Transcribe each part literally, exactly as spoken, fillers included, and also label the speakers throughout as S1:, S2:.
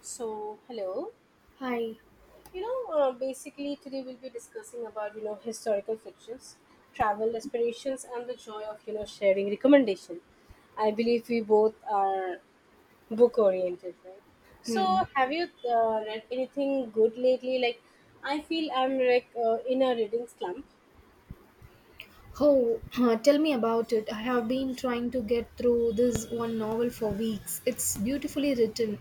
S1: So, hello.
S2: Hi.
S1: You know, uh, basically today we'll be discussing about you know historical fictions, travel aspirations, and the joy of you know sharing recommendation. I believe we both are book oriented, right? So,
S2: Mm.
S1: have you uh, read anything good lately? Like, I feel I'm like uh, in a reading slump.
S2: Oh, tell me about it. I have been trying to get through this one novel for weeks. It's beautifully written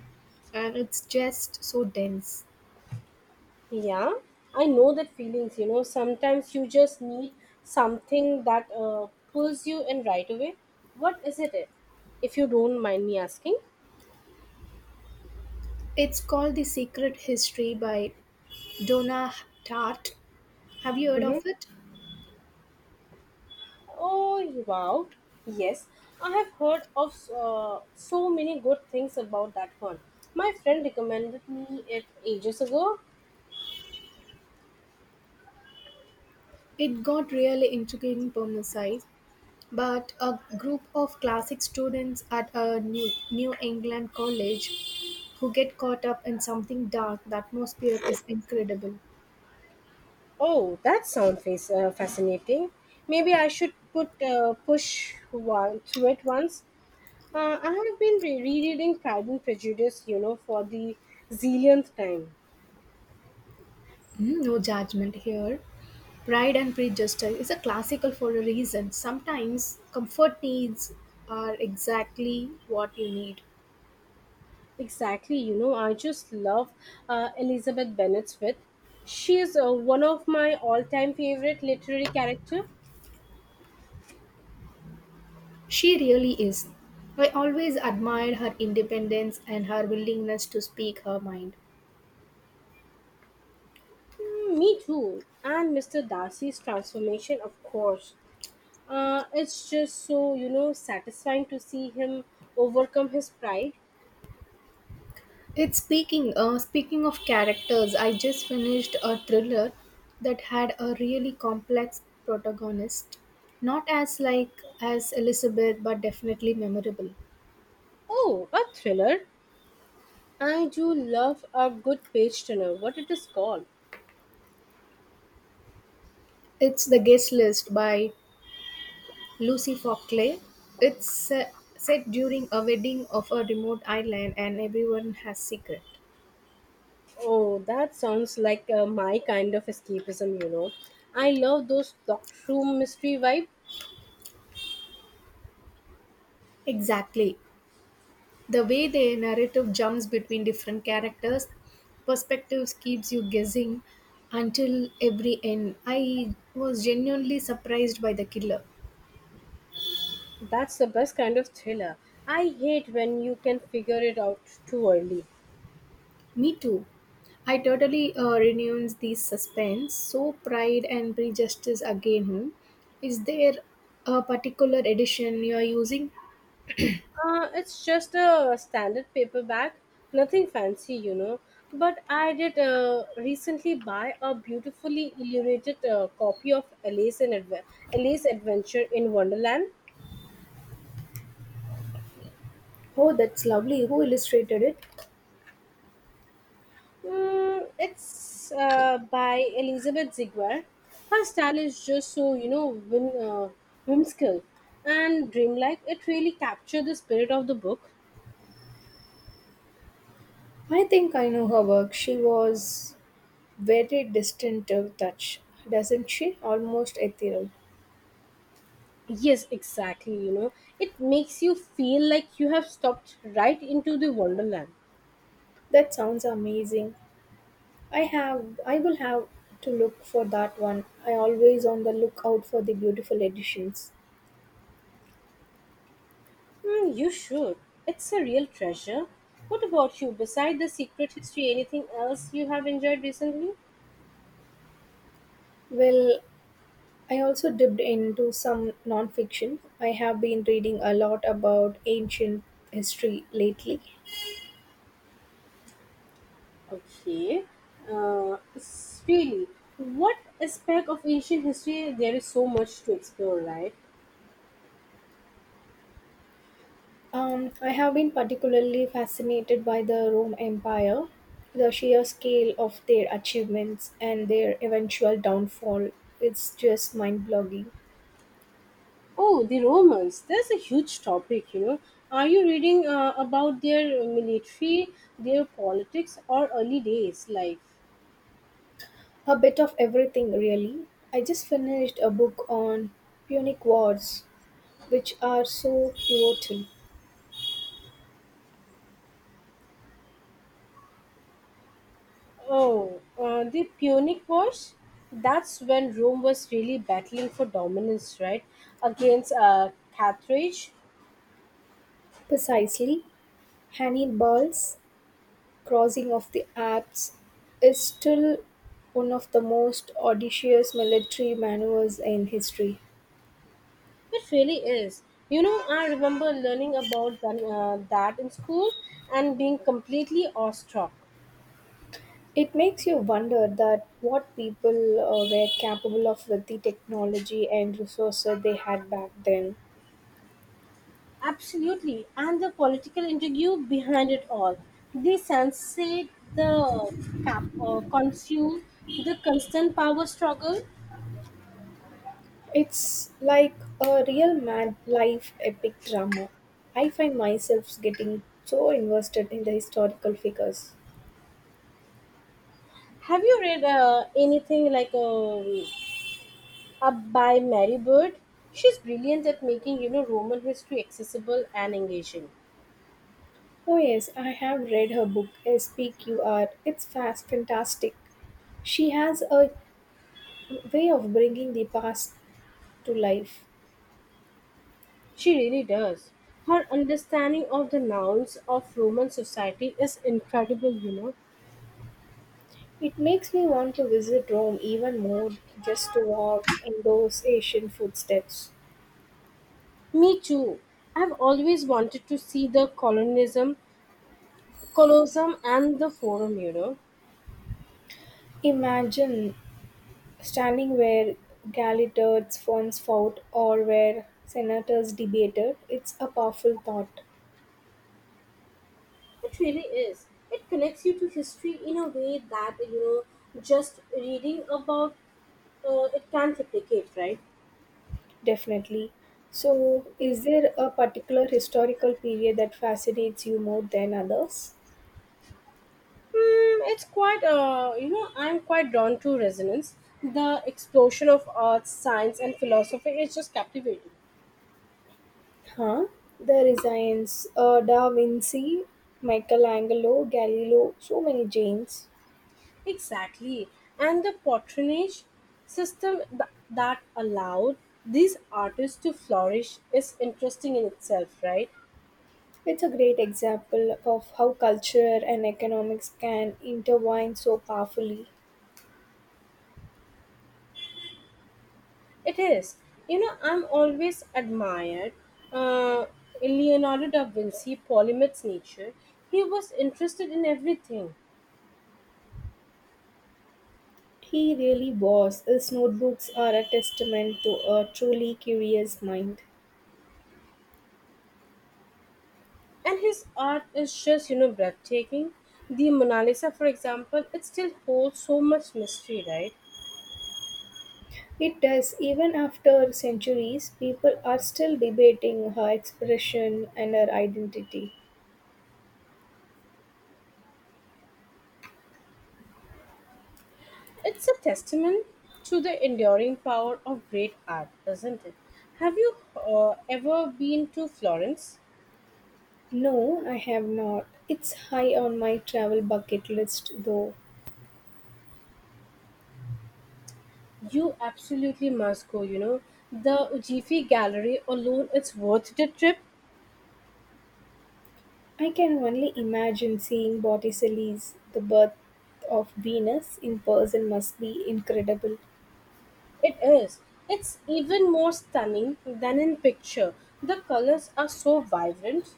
S2: and it's just so dense.
S1: Yeah, I know that feelings. You know, sometimes you just need something that uh, pulls you in right away. What is it, eh? If you don't mind me asking?
S2: It's called The Secret History by Donna Tartt. Have you heard
S1: Mm-hmm.
S2: of it?
S1: Oh, wow. Yes, I have heard of uh, so many good things about that one. My friend recommended me it ages ago.
S2: It got really intriguing premises, but a group of classic students at a New, New England college who get caught up in something dark, the atmosphere is incredible.
S1: Oh, that sounds face uh, fascinating. Maybe I should put uh, push one through it once. Uh, I have been re- rereading Pride and Prejudice, you know, for the zillionth time.
S2: Mm, no judgment here. Pride and Prejudice is a classical for a reason. Sometimes comfort needs are exactly what you need.
S1: Exactly, you know, I just love uh, Elizabeth Bennet's wit. She is uh, one of my all-time favorite literary character.
S2: She really is. I always admired her independence and her willingness to speak her mind.
S1: Mm, me too. And mister Darcy's transformation, of course. Uh, it's just so, you know, satisfying to see him overcome his pride.
S2: It's speaking. Uh, speaking of characters, I just finished a thriller that had a really complex protagonist. Not as like as Elizabeth, but definitely memorable.
S1: Oh, a thriller. I do love a good page turner, what it is called.
S2: It's The Guest List by Lucy Fockley. It's uh, set during a wedding of a remote island and everyone has secret.
S1: Oh, that sounds like uh, my kind of escapism, you know. I love those dark room mystery vibe.
S2: Exactly. The way the narrative jumps between different characters perspectives keeps you guessing until every end. I was genuinely surprised by the killer.
S1: That's the best kind of thriller. I hate when you can figure it out too early.
S2: Me too. I totally uh, renounce these suspense. So pride and prejudice again. hmm. Is there a particular edition you are using?
S1: Uh, it's just a standard paperback, nothing fancy, you know. But I did uh, recently buy a beautifully illuminated uh, copy of Alice, and Adve- Alice Adventure in Wonderland.
S2: Oh, that's lovely. Who illustrated it?
S1: Mm, it's uh, by Elizabeth Ziegler. Her style is just so you know whim, uh, whimsical and dreamlike. It really captured the spirit of the book.
S2: I think I know her work. She was very distinctive touch, doesn't she? Almost ethereal.
S1: Yes, exactly. You know, it makes you feel like you have stopped right into the wonderland.
S2: That sounds amazing. I have I will have to look for that one. I always on the lookout for the beautiful editions.
S1: Mm, you should. It's a real treasure. What about you? Beside the secret history, anything else you have enjoyed recently?
S2: Well, I also dipped into some nonfiction. I have been reading a lot about ancient history lately.
S1: Okay. Uh, s- really, what aspect of ancient history there is so much to explore, right?
S2: Um, I have been particularly fascinated by the Rome Empire, the sheer scale of their achievements and their eventual downfall. It's just mind blogging.
S1: Oh, the Romans. That's a huge topic, you know. Are you reading uh, about their military, their politics, or early days? Like,
S2: A bit of everything, really. I just finished a book on Punic Wars, which are so pivotal.
S1: oh, uh, the Punic Wars? That's when Rome was really battling for dominance, right? Against uh, Carthage.
S2: Precisely, Hannibal's crossing of the Alps is still one of the most audacious military maneuvers in history.
S1: It really is. You know, I remember learning about that, uh, that in school and being completely awestruck.
S2: It makes you wonder that what people uh, were capable of with the technology and resources they had back then.
S1: Absolutely. And the political intrigue behind it all. The sensate, the cap, uh, consume, the constant power struggle.
S2: It's like a real mad life epic drama. I find myself getting so invested in the historical figures.
S1: Have you read uh, anything like um, Up by Mary Bird? She's brilliant at making, you know, Roman history accessible and engaging.
S2: Oh yes, I have read her book S P Q R. It's fast fantastic. She has a way of bringing the past to life.
S1: She really does. Her understanding of the nouns of Roman society is incredible, you know.
S2: It makes me want to visit Rome even more just to walk in those ancient footsteps.
S1: Me too. I've always wanted to see the colonism, Colosseum and the Forum, you know.
S2: Imagine standing where gladiators once fought or where senators debated. It's a powerful thought,
S1: It really is. It connects you to history in a way that, you know, just reading about uh, it can't replicate, right?
S2: definitely. So, is there a particular historical period that fascinates you more than others?
S1: Hmm, it's quite, uh, you know, I'm quite drawn to resonance. The explosion of arts, science, and philosophy is just captivating.
S2: Huh? The Renaissance. uh, Da Vinci, Michelangelo, Galileo, so many James.
S1: Exactly. And the patronage system th- that allowed these artists to flourish is interesting in itself, right?
S2: It's a great example of how culture and economics can intertwine so powerfully.
S1: It is. You know, I'm always admired uh, Leonardo da Vinci Polymath's nature. He was interested in everything,
S2: He really was. His notebooks are a testament to a truly curious mind.
S1: and his art is just, you know, breathtaking. The Mona Lisa, for example, it still holds so much mystery, right?
S2: It does, even after centuries, people are still debating her expression and her identity.
S1: It's a testament to the enduring power of great art, isn't it? Have you uh, ever been to Florence?
S2: No, I have not. It's high on my travel bucket list, though.
S1: You absolutely must go, you know. The Uffizi Gallery alone, it's worth the trip.
S2: I can only imagine seeing Botticelli's The Birth of Venus in person must be incredible.
S1: It is. It's even more stunning than in picture. The colors are so vibrant.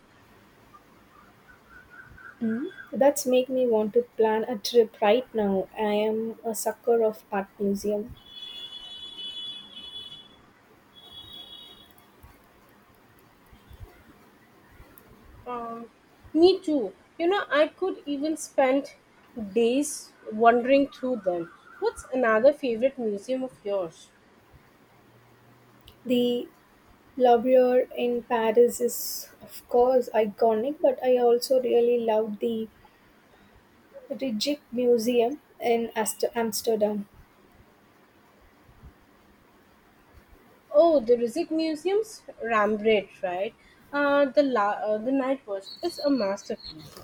S2: Mm. That's make me want to plan a trip right now. I am a sucker of art museum.
S1: Um, Me too. You know, I could even spend days wandering through them. What's another favorite museum of yours?
S2: The Louvre in Paris is of course iconic, but I also really loved the Rijksmuseum Museum in Ast- Amsterdam.
S1: Oh, the Rizik Museum's Rembrandt, right? Uh, the la- uh, the Night Watch is a masterpiece.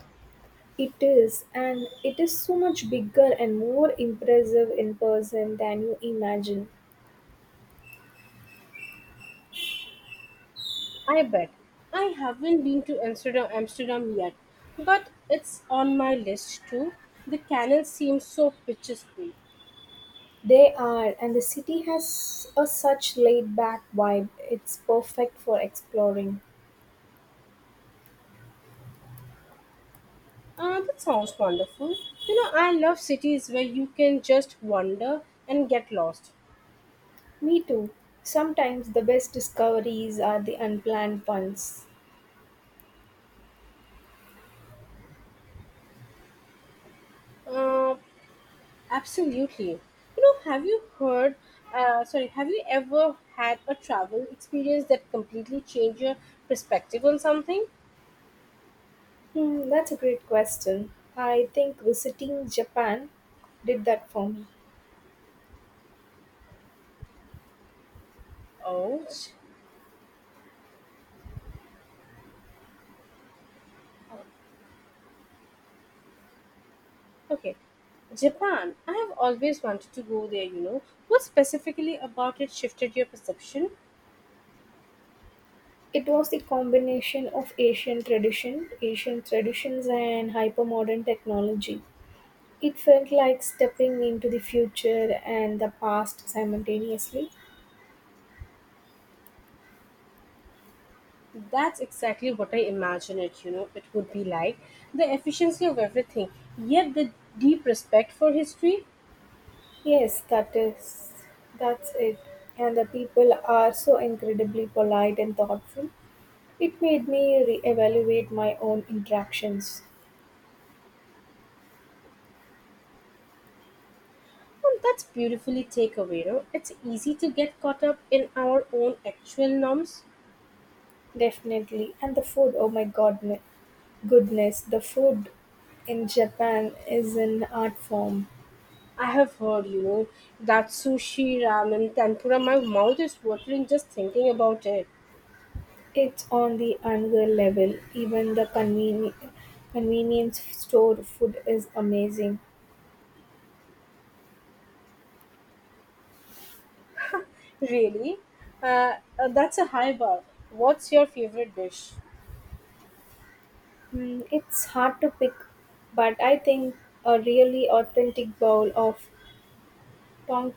S2: It is, and it is so much bigger and more impressive in person than you imagine.
S1: I bet. I haven't been to Amsterdam, Amsterdam yet, but it's on my list too. The canal seems so picturesque.
S2: They are, and the city has a such laid back vibe, it's perfect for exploring.
S1: Uh, that sounds wonderful. You know, I love cities where you can just wander and get lost.
S2: Me too. Sometimes the best discoveries are the unplanned ones.
S1: Uh, Absolutely. You know, have you heard, uh, sorry, have you ever had a travel experience that completely changed your perspective on something?
S2: Hmm, that's a great question. I think visiting Japan did that for me.
S1: Oh, J- Okay. Japan. I have always wanted to go there, you know. What specifically about it shifted your perception?
S2: It was the combination of Asian tradition, Asian traditions, and hypermodern technology. It felt like stepping into the future and the past simultaneously.
S1: That's exactly what I imagine it, you know, it would be like. The efficiency of everything, yet the deep respect for history.
S2: Yes, that is that's it. And the people are so incredibly polite and thoughtful. It made me re-evaluate my own interactions.
S1: Well, that's beautifully takeaway. No? It's easy to get caught up in our own actual norms.
S2: Definitely. And the food, oh my god ne- goodness, the food in Japan is an art form.
S1: I have heard, you know, that sushi, ramen, tempura, my mouth is watering just thinking about it.
S2: It's on the another level. Even the conveni- convenience store food is amazing.
S1: Really? Uh, uh, that's a high bar. What's your favorite dish?
S2: Mm, it's hard to pick, but I think a really authentic bowl of Ton-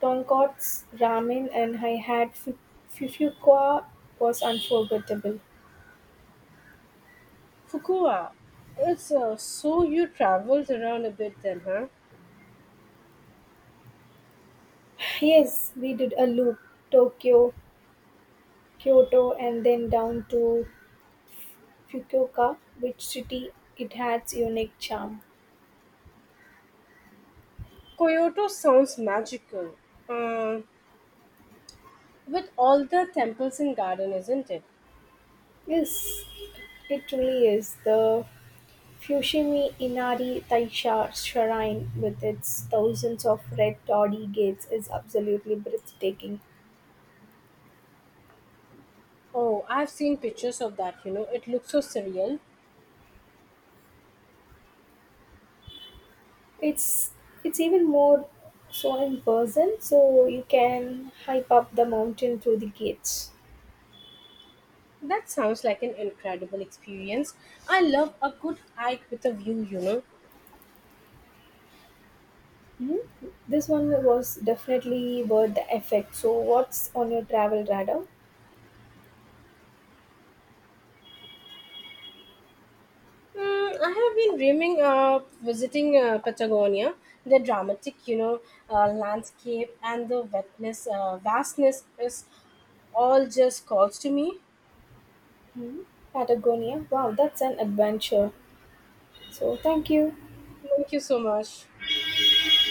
S2: Tonkatsu, ramen, and I had fu- Fufuka was unforgettable.
S1: Fukua. It's uh, so you traveled around a bit then, huh?
S2: Yes, we did a loop Tokyo, Kyoto, and then down to Fukuoka, which city it has unique charm.
S1: Kyoto sounds magical. Uh, with all the temples and garden, isn't it?
S2: Yes, it truly is. The Fushimi Inari Taisha Shrine with its thousands of red toddy gates is absolutely breathtaking.
S1: Oh, I've seen pictures of that, you know, it looks so surreal.
S2: It's it's even more so in person, so you can hype up the mountain through the gates.
S1: That sounds like an incredible experience. I love a good hike with a view, you know.
S2: Hmm, this one was definitely worth the effect. So what's on your travel radar?
S1: Mm, I have been dreaming of visiting uh, Patagonia. The dramatic, you know, uh, landscape and the wetness, uh, vastness is all just calls to me.
S2: Hmm, Patagonia, wow, that's an adventure. So thank you.
S1: Thank you so much.